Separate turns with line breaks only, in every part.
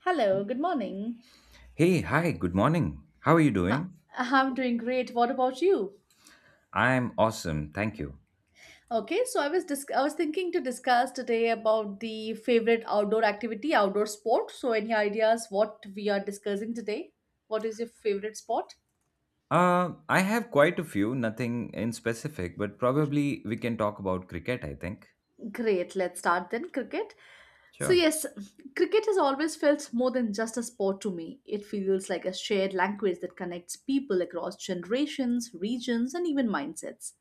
Hello, good morning.
Hey, hi, good morning. How are you
Ha-
doing?
I'm doing great. What about you?
I'm awesome, thank you.
Okay, so I was thinking to discuss today about the favorite outdoor activity, outdoor sport. So any ideas what we are discussing today? What is your favorite sport?
I have quite a few, nothing in specific, but probably we can talk about cricket, I think.
Great, let's start then. Cricket. So,
Sure.
yes, cricket has always felt more than just a sport to me. It feels like a shared language that connects people across generations, regions, and even mindsets.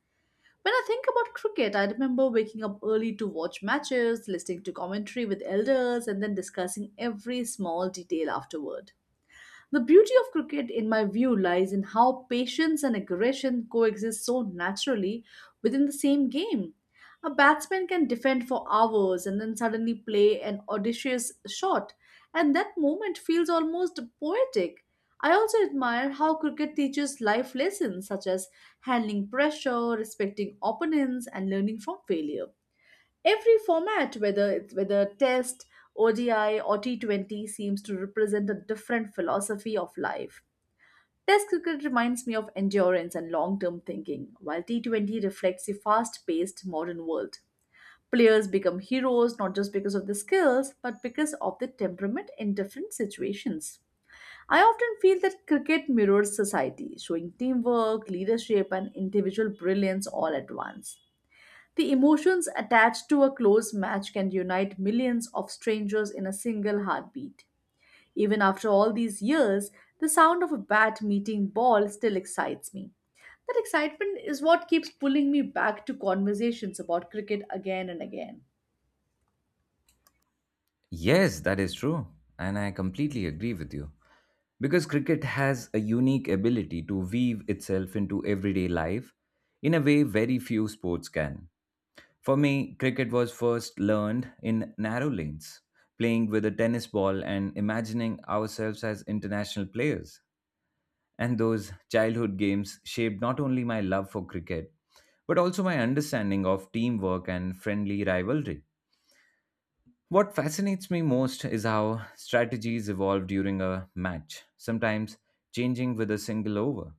When I think about cricket, I remember waking up early to watch matches, listening to commentary with elders, and then discussing every small detail afterward. The beauty of cricket, in my view, lies in how patience and aggression coexist so naturally within the same game. A batsman can defend for hours and then suddenly play an audacious shot, and that moment feels almost poetic. I also admire how cricket teaches life lessons such as handling pressure, respecting opponents, and learning from failure. Every format, whether test, ODI or T20, seems to represent a different philosophy of life. Test cricket reminds me of endurance and long-term thinking, while T20 reflects the fast-paced modern world. Players become heroes not just because of the skills, but because of the temperament in different situations. I often feel that cricket mirrors society, showing teamwork, leadership, and individual brilliance all at once. The emotions attached to a close match can unite millions of strangers in a single heartbeat. Even after all these years, the sound of a bat meeting ball still excites me. That excitement is what keeps pulling me back to conversations about cricket again and again.
Yes, that is true. And I completely agree with you, because cricket has a unique ability to weave itself into everyday life in a way very few sports can. For me, cricket was first learned in narrow lanes, playing with a tennis ball and imagining ourselves as international players, and those childhood games shaped not only my love for cricket, but also my understanding of teamwork and friendly rivalry. What fascinates me most is how strategies evolve during a match, sometimes changing with a single over.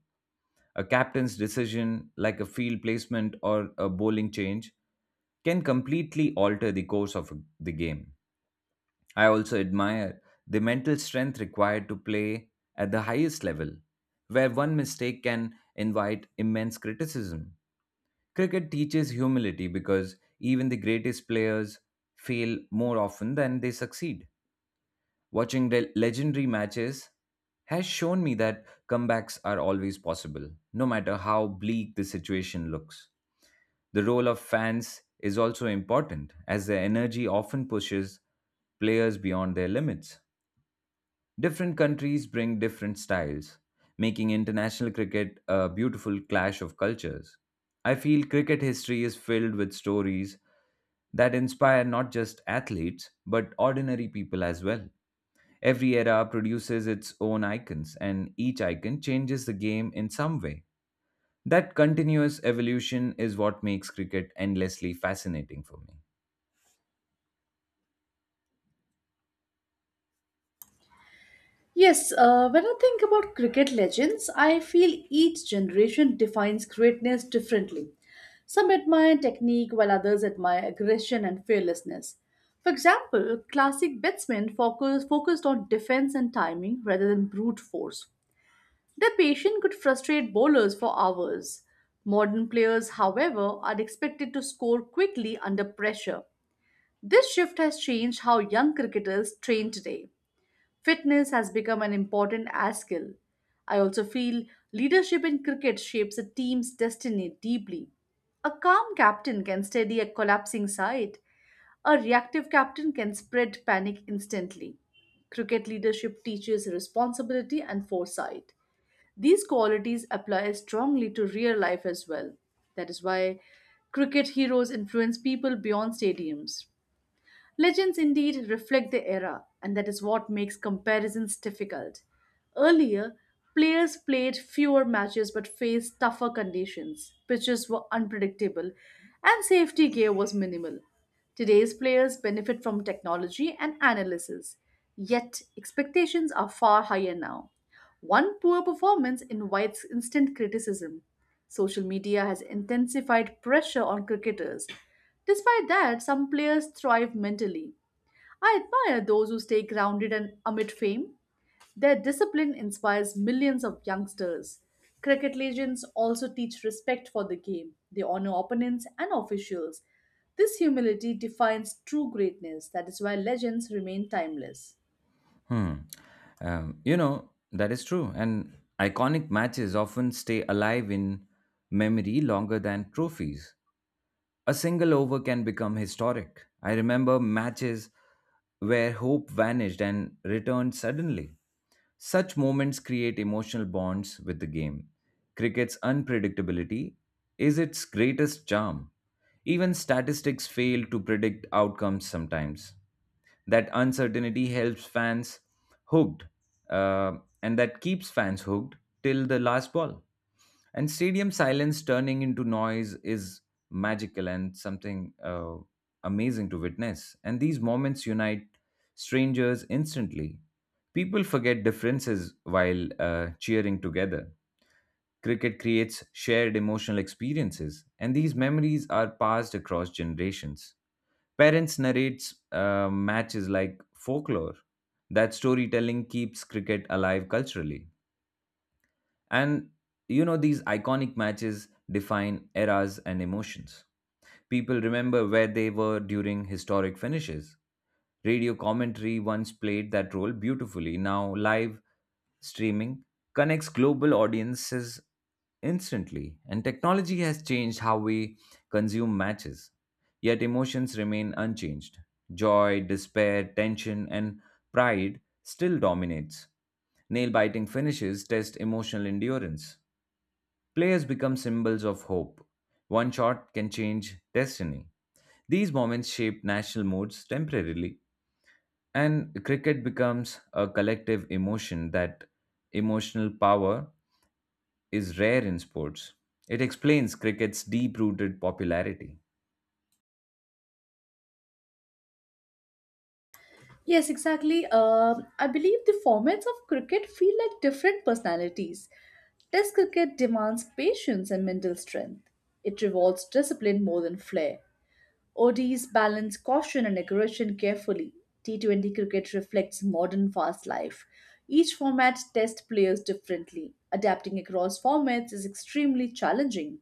A captain's decision, like a field placement or a bowling change, can completely alter the course of the game. I also admire the mental strength required to play at the highest level, where one mistake can invite immense criticism. Cricket teaches humility because even the greatest players fail more often than they succeed. Watching the legendary matches has shown me that comebacks are always possible, no matter how bleak the situation looks. The role of fans is also important, as their energy often pushes players beyond their limits. Different countries bring different styles, making international cricket a beautiful clash of cultures. I feel cricket history is filled with stories that inspire not just athletes, but ordinary people as well. Every era produces its own icons, and each icon changes the game in some way. That continuous evolution is what makes cricket endlessly fascinating for me.
Yes, when I think about cricket legends, I feel each generation defines greatness differently. Some admire technique, while others admire aggression and fearlessness. For example, classic batsmen focused on defense and timing rather than brute force. Their patience could frustrate bowlers for hours. Modern players, however, are expected to score quickly under pressure. This shift has changed how young cricketers train today. Fitness has become an important as skill. I also feel leadership in cricket shapes a team's destiny deeply. A calm captain can steady a collapsing side. A reactive captain can spread panic instantly. Cricket leadership teaches responsibility and foresight. These qualities apply strongly to real life as well. That is why cricket heroes influence people beyond stadiums. Legends indeed reflect the era, and that is what makes comparisons difficult. Earlier, players played fewer matches but faced tougher conditions. Pitches were unpredictable, and safety gear was minimal. Today's players benefit from technology and analysis, yet, expectations are far higher now. One poor performance invites instant criticism. Social media has intensified pressure on cricketers. Despite that, some players thrive mentally. I admire those who stay grounded and amid fame. Their discipline inspires millions of youngsters. Cricket legends also teach respect for the game. They honor opponents and officials. This humility defines true greatness. That is why legends remain timeless.
Hmm. That is true. And iconic matches often stay alive in memory longer than trophies. A single over can become historic. I remember matches where hope vanished and returned suddenly. Such moments create emotional bonds with the game. Cricket's unpredictability is its greatest charm. Even statistics fail to predict outcomes sometimes. That uncertainty helps fans hooked, uh, and that keeps fans hooked till the last ball, and stadium silence turning into noise is magical and something amazing to witness, and these moments unite strangers instantly. People forget differences while cheering together. Cricket creates shared emotional experiences, and these memories are passed across generations. Parents narrate matches like folklore. That storytelling keeps cricket alive culturally. And these iconic matches define eras and emotions. People remember where they were during historic finishes. Radio commentary once played that role beautifully. Now, live streaming connects global audiences instantly, and technology has changed how we consume matches. Yet, emotions remain unchanged. Joy, despair, tension, and pride still dominates. Nail biting finishes test emotional endurance. Players become symbols of hope. One shot can change destiny. These moments shape national moods temporarily, and cricket becomes a collective emotion. That emotional power is rare in sports. It explains cricket's deep rooted popularity.
Yes, exactly. I believe the formats of cricket feel like different personalities. Test cricket demands patience and mental strength. It rewards discipline more than flair. ODs balance caution and aggression carefully. T20 cricket reflects modern fast life. Each format tests players differently. Adapting across formats is extremely challenging.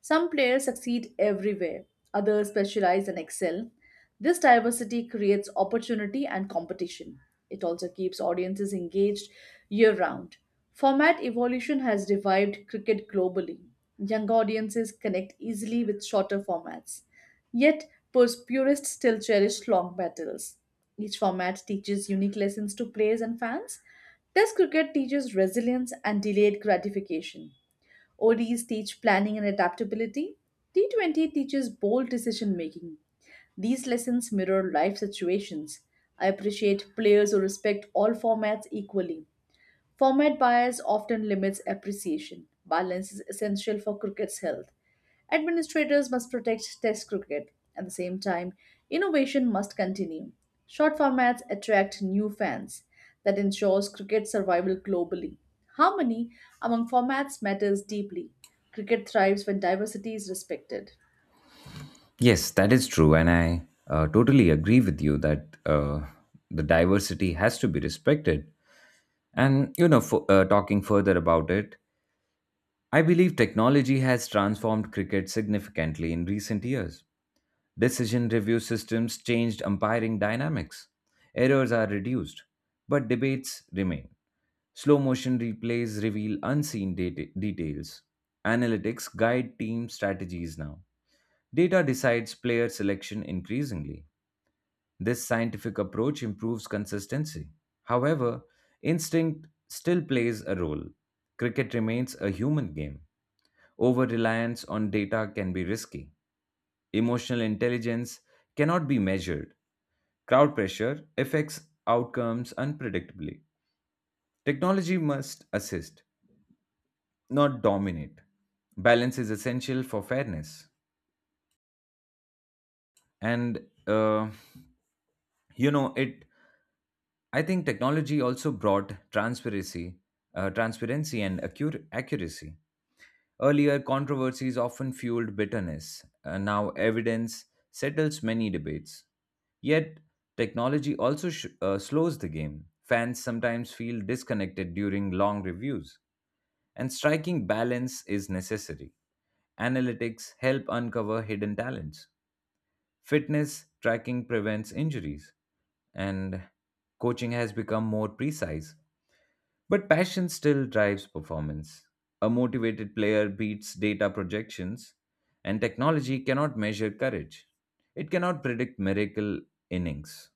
Some players succeed everywhere, others specialize and excel. This diversity creates opportunity and competition. It also keeps audiences engaged year round. Format evolution has revived cricket globally. Young audiences connect easily with shorter formats. Yet, purists still cherish long battles. Each format teaches unique lessons to players and fans. Test cricket teaches resilience and delayed gratification. ODs teach planning and adaptability. T20 teaches bold decision making. These lessons mirror life situations. I appreciate players who respect all formats equally. Format bias often limits appreciation. Balance is essential for cricket's health. Administrators must protect Test cricket. At the same time, innovation must continue. Short formats attract new fans. That ensures cricket survival globally. Harmony among formats matters deeply. Cricket thrives when diversity is respected.
Yes, that is true. And I totally agree with you that the diversity has to be respected. And, talking further about it, I believe technology has transformed cricket significantly in recent years. Decision review systems changed umpiring dynamics. Errors are reduced, but debates remain. Slow motion replays reveal unseen details. Analytics guide team strategies now. Data decides player selection increasingly. This scientific approach improves consistency. However, instinct still plays a role. Cricket remains a human game. Over reliance on data can be risky. Emotional intelligence cannot be measured. Crowd pressure affects outcomes unpredictably. Technology must assist, not dominate. Balance is essential for fairness. And, you know, it I think technology also brought transparency, transparency and accuracy. Earlier, controversies often fueled bitterness. Now, evidence settles many debates. Yet, technology also slows the game. Fans sometimes feel disconnected during long reviews, and striking balance is necessary. Analytics help uncover hidden talents. Fitness tracking prevents injuries, and coaching has become more precise. But passion still drives performance. A motivated player beats data projections, and technology cannot measure courage. It cannot predict miracle innings.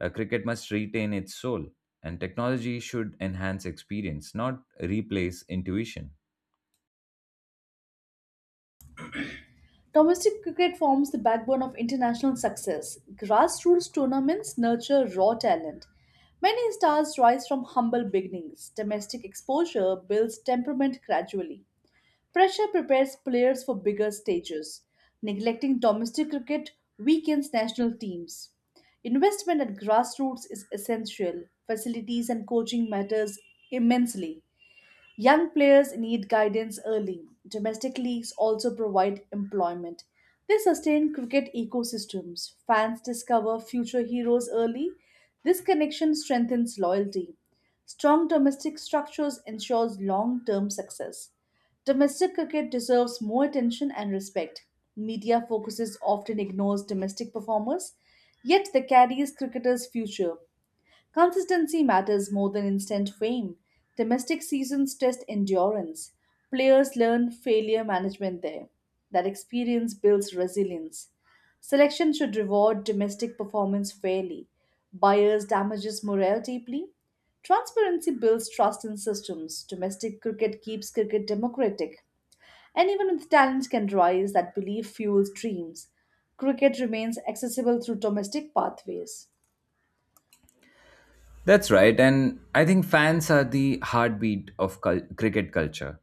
A cricket must retain its soul, and technology should enhance experience, not replace intuition.
Domestic cricket forms the backbone of international success. Grassroots tournaments nurture raw talent. Many stars rise from humble beginnings. Domestic exposure builds temperament gradually. Pressure prepares players for bigger stages. Neglecting domestic cricket weakens national teams. Investment at grassroots is essential. Facilities and coaching matters immensely. Young players need guidance early. Domestic leagues also provide employment. They sustain cricket ecosystems. Fans discover future heroes early. This connection strengthens loyalty. Strong domestic structures ensures long-term success. Domestic cricket deserves more attention and respect. Media focuses often ignores domestic performers, yet they carries cricketers' future. Consistency matters more than instant fame. Domestic seasons test endurance. Players learn failure management there. That experience builds resilience. Selection should reward domestic performance fairly. Buyers damages morale deeply. Transparency builds trust in systems. Domestic cricket keeps cricket democratic. And even if talent can rise, that belief fuels dreams. Cricket remains accessible through domestic pathways.
That's right, and I think fans are the heartbeat of cricket culture.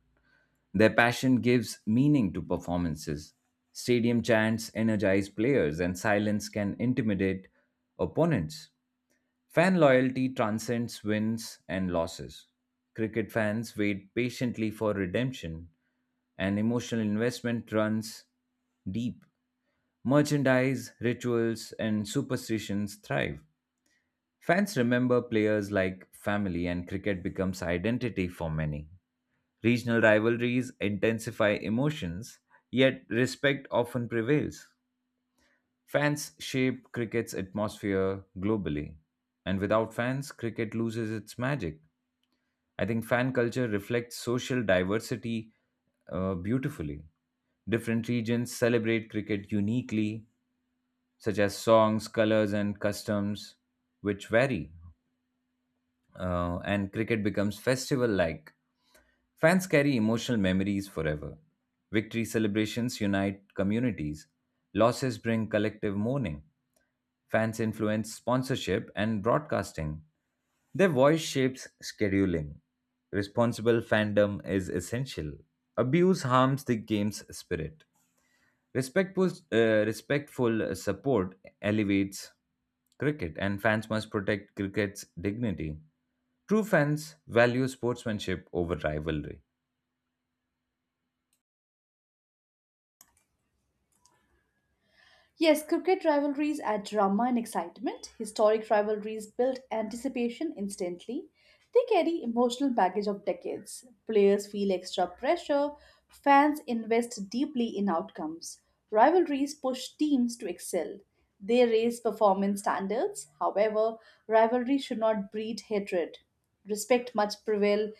Their passion gives meaning to performances. Stadium chants energize players, and silence can intimidate opponents. Fan loyalty transcends wins and losses. Cricket fans wait patiently for redemption, and emotional investment runs deep. Merchandise, rituals, and superstitions thrive. Fans remember players like family, and cricket becomes identity for many. Regional rivalries intensify emotions, yet respect often prevails. Fans shape cricket's atmosphere globally, and without fans, cricket loses its magic. I think fan culture reflects social diversity beautifully. Different regions celebrate cricket uniquely, such as songs, colors, and customs, which vary. And cricket becomes festival like. Fans carry emotional memories forever. Victory celebrations unite communities. Losses bring collective mourning. Fans influence sponsorship and broadcasting. Their voice shapes scheduling. Responsible fandom is essential. Abuse harms the game's spirit. Respectful support elevates cricket, and fans must protect cricket's dignity. True fans value sportsmanship over rivalry.
Yes, cricket rivalries add drama and excitement. Historic rivalries build anticipation instantly. They carry emotional baggage of decades. Players feel extra pressure. Fans invest deeply in outcomes. Rivalries push teams to excel. They raise performance standards. However, rivalry should not breed hatred. Respect must prevail.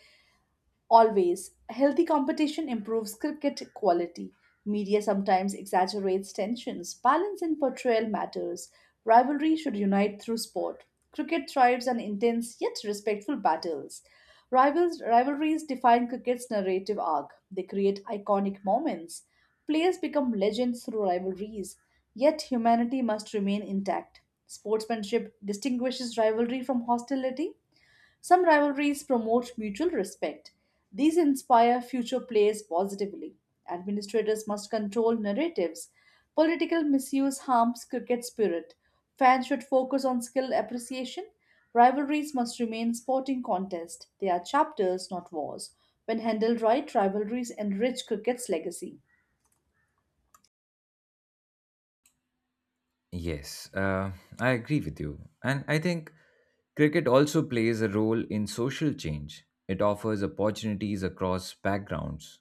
Always, healthy competition improves cricket quality. Media sometimes exaggerates tensions. Balance in portrayal matters. Rivalry should unite through sport. Cricket thrives on intense yet respectful battles. Rivalries define cricket's narrative arc. They create iconic moments. Players become legends through rivalries. Yet humanity must remain intact. Sportsmanship distinguishes rivalry from hostility. Some rivalries promote mutual respect. These inspire future players positively. Administrators must control narratives. Political misuse harms cricket spirit. Fans should focus on skill appreciation. Rivalries must remain sporting contest. They are chapters, not wars. When handled right, rivalries enrich cricket's legacy.
Yes, I agree with you. And I think cricket also plays a role in social change. It offers opportunities across backgrounds.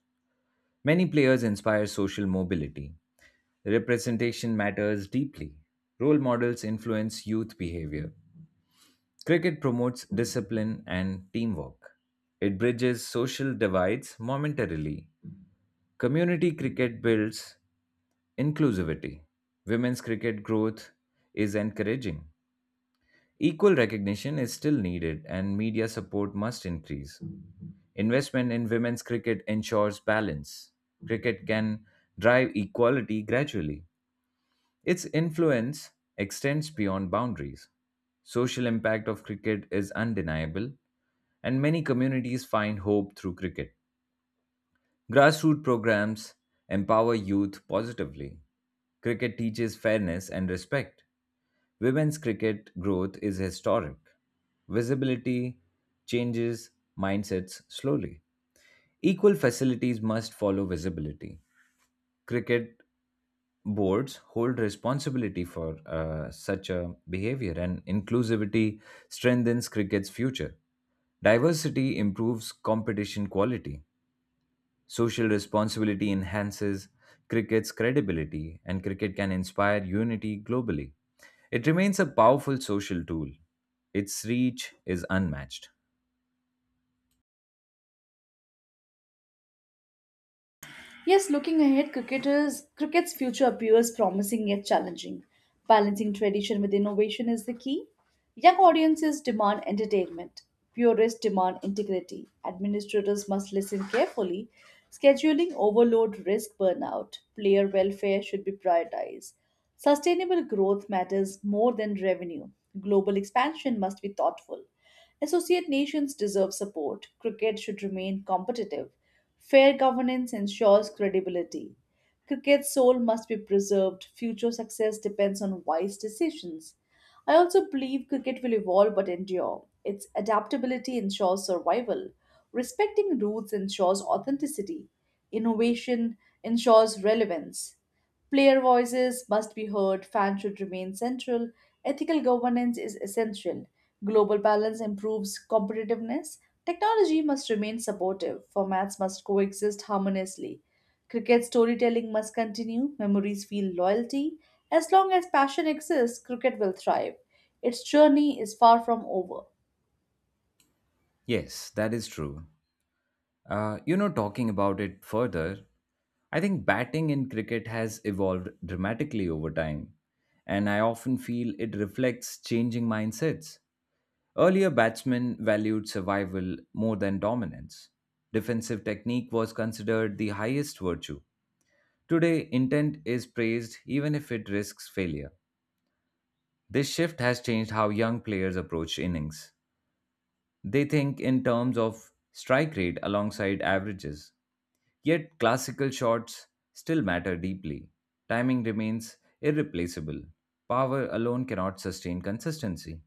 Many players inspire social mobility. Representation matters deeply. Role models influence youth behavior. Cricket promotes discipline and teamwork. It bridges social divides momentarily. Community cricket builds inclusivity. Women's cricket growth is encouraging. Equal recognition is still needed, and media support must increase. Investment in women's cricket ensures balance. Cricket can drive equality gradually. Its influence extends beyond boundaries. Social impact of cricket is undeniable, and many communities find hope through cricket. Grassroots programs empower youth positively. Cricket teaches fairness and respect. Women's cricket growth is historic. Visibility changes mindsets slowly. Equal facilities must follow visibility. Cricket boards hold responsibility for such a behavior, and inclusivity strengthens cricket's future. Diversity improves competition quality. Social responsibility enhances cricket's credibility, and cricket can inspire unity globally. It remains a powerful social tool. Its reach is unmatched.
Yes, looking ahead, cricket's future appears promising yet challenging. Balancing tradition with innovation is the key. Young audiences demand entertainment, purists demand integrity. Administrators must listen carefully. Scheduling overload risk burnout. Player welfare should be prioritized. Sustainable growth matters more than revenue. Global expansion must be thoughtful. Associate nations deserve support. Cricket should remain competitive. Fair governance ensures credibility. Cricket's soul must be preserved. Future success depends on wise decisions. I also believe cricket will evolve but endure. Its adaptability ensures survival. Respecting roots ensures authenticity. Innovation ensures relevance. Player voices must be heard, fans should remain central, ethical governance is essential, global balance improves competitiveness, technology must remain supportive, formats must coexist harmoniously. Cricket storytelling must continue, memories feel loyalty. As long as passion exists, cricket will thrive. Its journey is far from over.
Yes, that is true. Talking about it further, I think batting in cricket has evolved dramatically over time, and I often feel it reflects changing mindsets. Earlier, batsmen valued survival more than dominance. Defensive technique was considered the highest virtue. Today, intent is praised even if it risks failure. This shift has changed how young players approach innings. They think in terms of strike rate alongside averages. Yet, classical shots still matter deeply. Timing remains irreplaceable. Power alone cannot sustain consistency.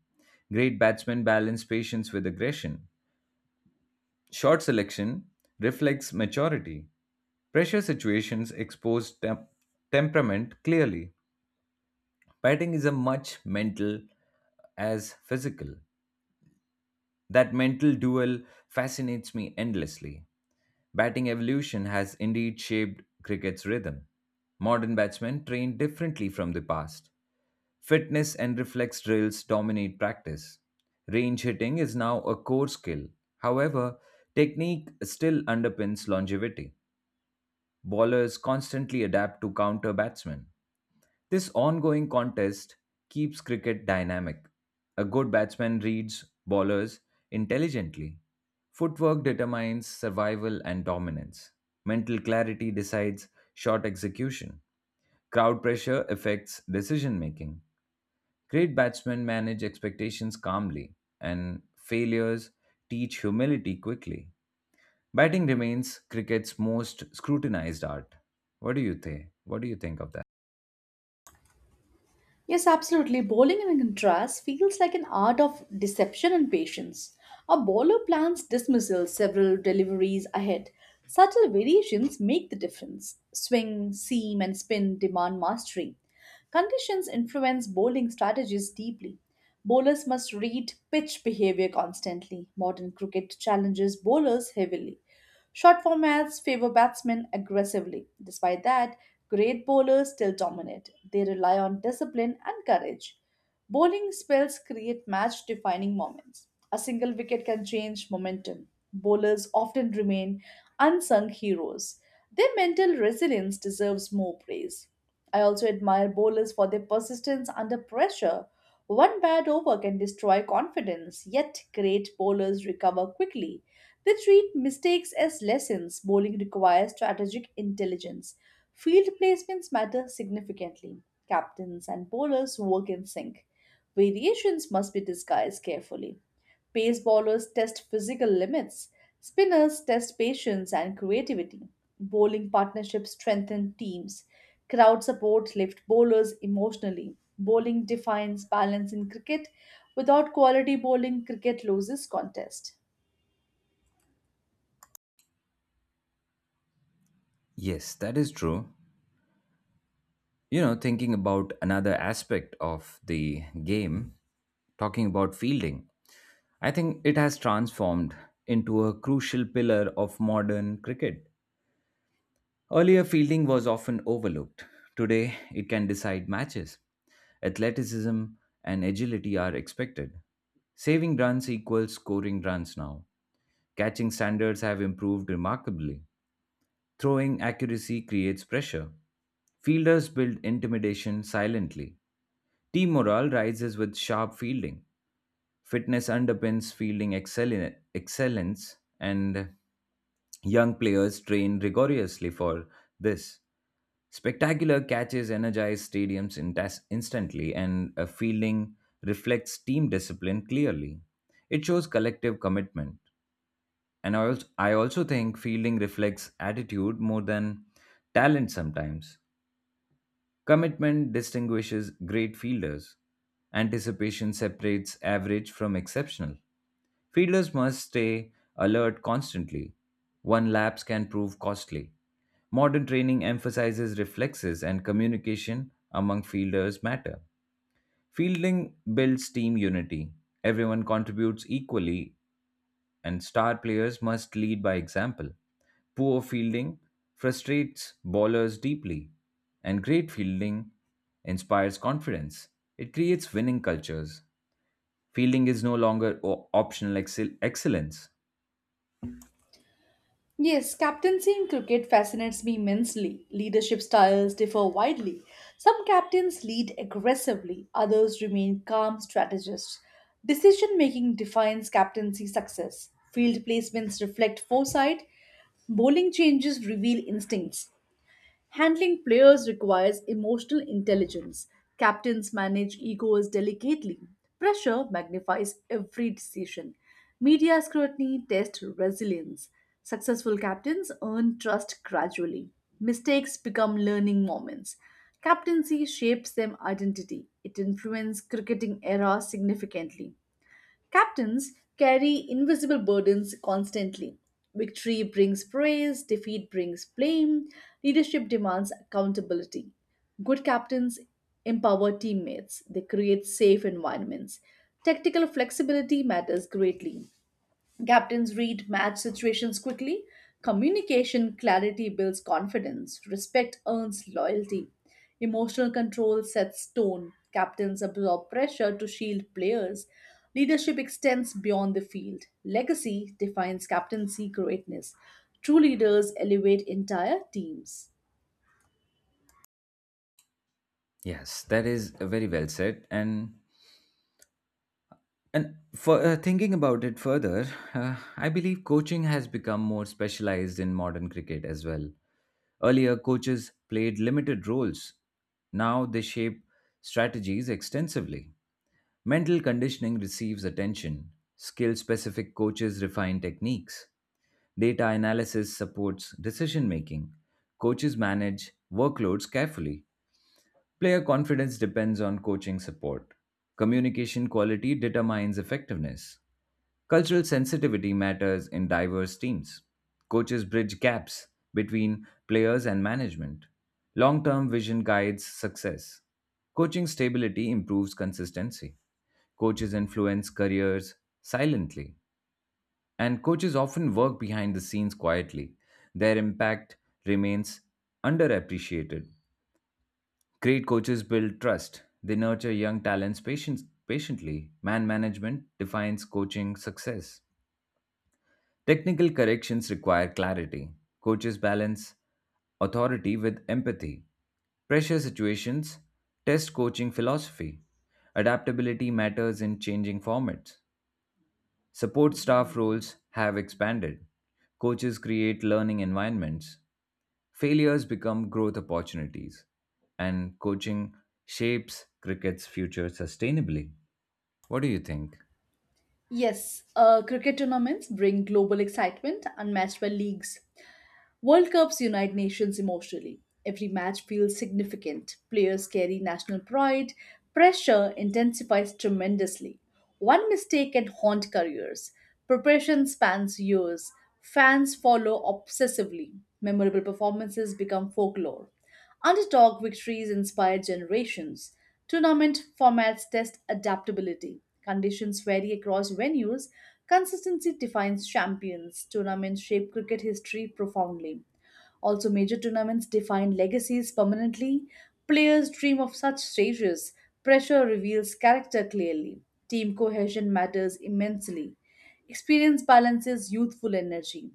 Great batsmen balance patience with aggression. Shot selection reflects maturity. Pressure situations expose temperament clearly. Batting is a much mental as physical. That mental duel fascinates me endlessly. Batting evolution has indeed shaped cricket's rhythm. Modern batsmen train differently from the past. Fitness and reflex drills dominate practice. Range hitting is now a core skill. However, technique still underpins longevity. Bowlers constantly adapt to counter batsmen. This ongoing contest keeps cricket dynamic. A good batsman reads bowlers intelligently. Footwork determines survival and dominance. Mental clarity decides shot execution. Crowd pressure affects decision making. Great batsmen manage expectations calmly, and failures teach humility quickly. Batting remains cricket's most scrutinized art. What do you think? What do you think of that?
Yes, absolutely. Bowling, in contrast, feels like an art of deception and patience. A bowler plans dismissal several deliveries ahead. Subtle variations make the difference. Swing, seam, and spin demand mastery. Conditions influence bowling strategies deeply. Bowlers must read pitch behavior constantly. Modern cricket challenges bowlers heavily. Short formats favor batsmen aggressively. Despite that, great bowlers still dominate. They rely on discipline and courage. Bowling spells create match defining moments. A single wicket can change momentum. Bowlers often remain unsung heroes. Their mental resilience deserves more praise. I also admire bowlers for their persistence under pressure. One bad over can destroy confidence, yet great bowlers recover quickly. They treat mistakes as lessons. Bowling requires strategic intelligence. Field placements matter significantly. Captains and bowlers work in sync. Variations must be disguised carefully. Pace bowlers test physical limits, spinners test patience and creativity. Bowling partnerships strengthen teams. Crowd support lifts bowlers emotionally. Bowling defines balance in cricket. Without quality bowling, cricket loses contest.
Yes, that is true. You know, thinking about another aspect of the game, talking about fielding, I think it has transformed into a crucial pillar of modern cricket. Earlier, fielding was often overlooked. Today, it can decide matches. Athleticism and agility are expected. Saving runs equals scoring runs now. Catching standards have improved remarkably. Throwing accuracy creates pressure. Fielders build intimidation silently. Team morale rises with sharp fielding. Fitness underpins fielding excellence, and young players train rigorously for this. Spectacular catches energize stadiums instantly, and a fielding reflects team discipline clearly. It shows collective commitment. And I also think fielding reflects attitude more than talent sometimes. Commitment distinguishes great fielders. Anticipation separates average from exceptional. Fielders must stay alert constantly. One lapse can prove costly. Modern training emphasizes reflexes, and communication among fielders matter. Fielding builds team unity. Everyone contributes equally, and star players must lead by example. Poor fielding frustrates bowlers deeply, and great fielding inspires confidence. It creates winning cultures. Fielding is no longer optional excellence.
Yes, captaincy in cricket fascinates me immensely. Leadership styles differ widely. Some captains lead aggressively, others remain calm strategists. Decision making defines captaincy success. Field placements reflect foresight, bowling changes reveal instincts. Handling players requires emotional intelligence. Captains manage egos delicately. Pressure magnifies every decision. Media scrutiny tests resilience. Successful captains earn trust gradually. Mistakes become learning moments. Captaincy shapes them identity. It influences cricketing era significantly. Captains carry invisible burdens constantly. Victory brings praise, defeat brings blame, leadership demands accountability. Good captains empower teammates, they create safe environments. Tactical flexibility matters greatly. Captains read match situations quickly. Communication clarity builds confidence. Respect earns loyalty. Emotional control sets tone. Captains absorb pressure to shield players. Leadership extends beyond the field. Legacy defines captaincy greatness. True leaders elevate entire teams.
Yes, that is very well said. And for thinking about it further, I believe coaching has become more specialized in modern cricket as well. Earlier, coaches played limited roles. Now they shape strategies extensively. Mental conditioning receives attention. Skill specific coaches refine techniques. Data analysis supports decision making. Coaches manage workloads carefully. Player confidence depends on coaching support. Communication quality determines effectiveness. Cultural sensitivity matters in diverse teams. Coaches bridge gaps between players and management. Long term vision guides success. Coaching stability improves consistency. Coaches influence careers silently, and coaches often work behind the scenes quietly. Their impact remains underappreciated. Great coaches build trust. They nurture young talents patiently. Man management defines coaching success. Technical corrections require clarity. Coaches balance authority with empathy. Pressure situations test coaching philosophy. Adaptability matters in changing formats. Support staff roles have expanded. Coaches create learning environments. Failures become growth opportunities. And coaching shapes cricket's future sustainably. What do you think?
Yes, cricket tournaments bring global excitement unmatched by leagues. World Cups unite nations emotionally. Every match feels significant. Players carry national pride. Pressure intensifies tremendously. One mistake can haunt careers. Preparation spans years. Fans follow obsessively. Memorable performances become folklore. Underdog victories inspire generations. Tournament formats test adaptability. Conditions vary across venues. Consistency defines champions. Tournaments shape cricket history profoundly. Also, major tournaments define legacies permanently. Players dream of such stages. Pressure reveals character clearly. Team cohesion matters immensely. Experience balances youthful energy.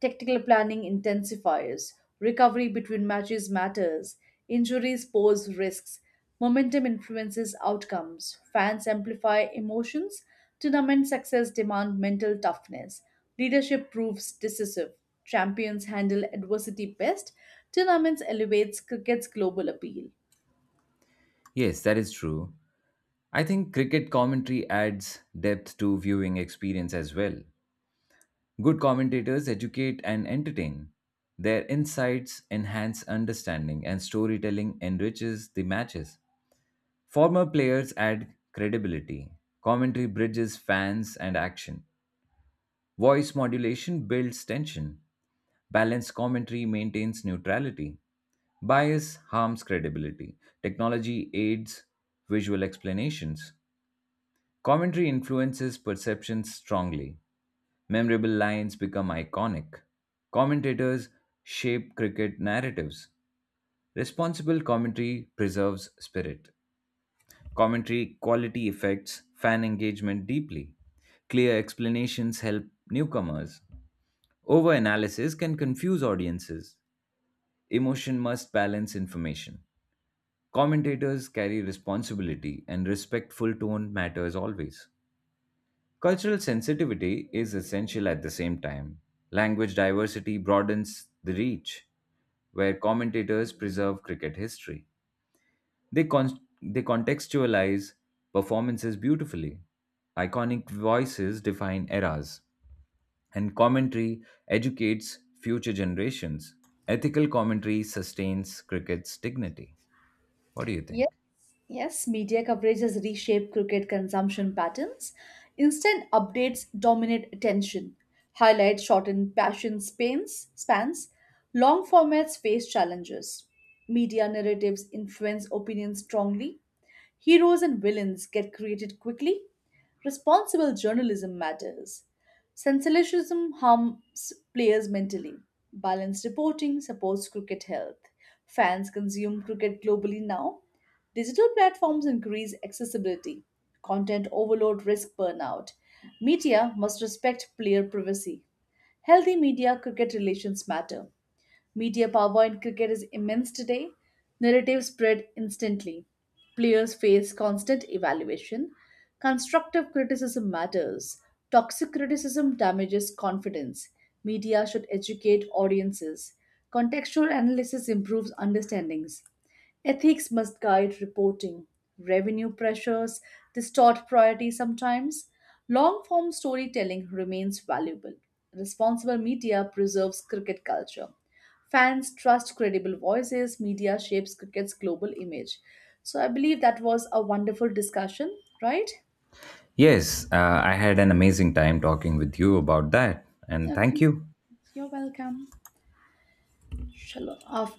Tactical planning intensifies, recovery between matches matters, injuries pose risks, momentum influences outcomes, fans amplify emotions, tournament success demand mental toughness, leadership proves decisive, champions handle adversity best, tournaments elevates cricket's global appeal.
Yes, that is true. I think cricket commentary adds depth to viewing experience as well. Good commentators educate and entertain. Their insights enhance understanding, and storytelling enriches the matches. Former players add credibility. Commentary bridges fans and action. Voice modulation builds tension. Balanced commentary maintains neutrality. Bias harms credibility. Technology aids visual explanations. Commentary influences perceptions strongly. Memorable lines become iconic. Commentators shape cricket narratives. Responsible commentary preserves spirit. Commentary quality affects fan engagement deeply. Clear explanations help newcomers. Over analysis can confuse audiences. Emotion must balance information. Commentators carry responsibility, and respectful tone matters always. Cultural sensitivity is essential at the same time. Language diversity broadens the reach, where commentators preserve cricket history. They contextualize performances beautifully. Iconic voices define eras, and commentary educates future generations. Ethical commentary sustains cricket's dignity. What do you think?
Yes, yes, media coverage has reshaped cricket consumption patterns. Instant updates dominate attention. Highlights shorten passion spans. Long formats face challenges. Media narratives influence opinions strongly. Heroes and villains get created quickly. Responsible journalism matters. Sensationalism harms players mentally. Balanced reporting supports cricket health. Fans consume cricket globally now. Digital platforms increase accessibility. Content overload risk burnout. Media must respect player privacy. Healthy media cricket relations matter. Media power in cricket is immense today. Narratives spread instantly. Players face constant evaluation. Constructive criticism matters. Toxic criticism damages confidence. Media should educate audiences. Contextual analysis improves understandings. Ethics must guide reporting. Revenue pressures distort priorities sometimes. Long form storytelling remains valuable. Responsible media preserves cricket culture. Fans trust credible voices, media shapes cricket's global image. So I believe that was a wonderful discussion, right?
Yes, I had an amazing time talking with you about that, and
Okay,
thank you.
you're welcome. Shalom. Our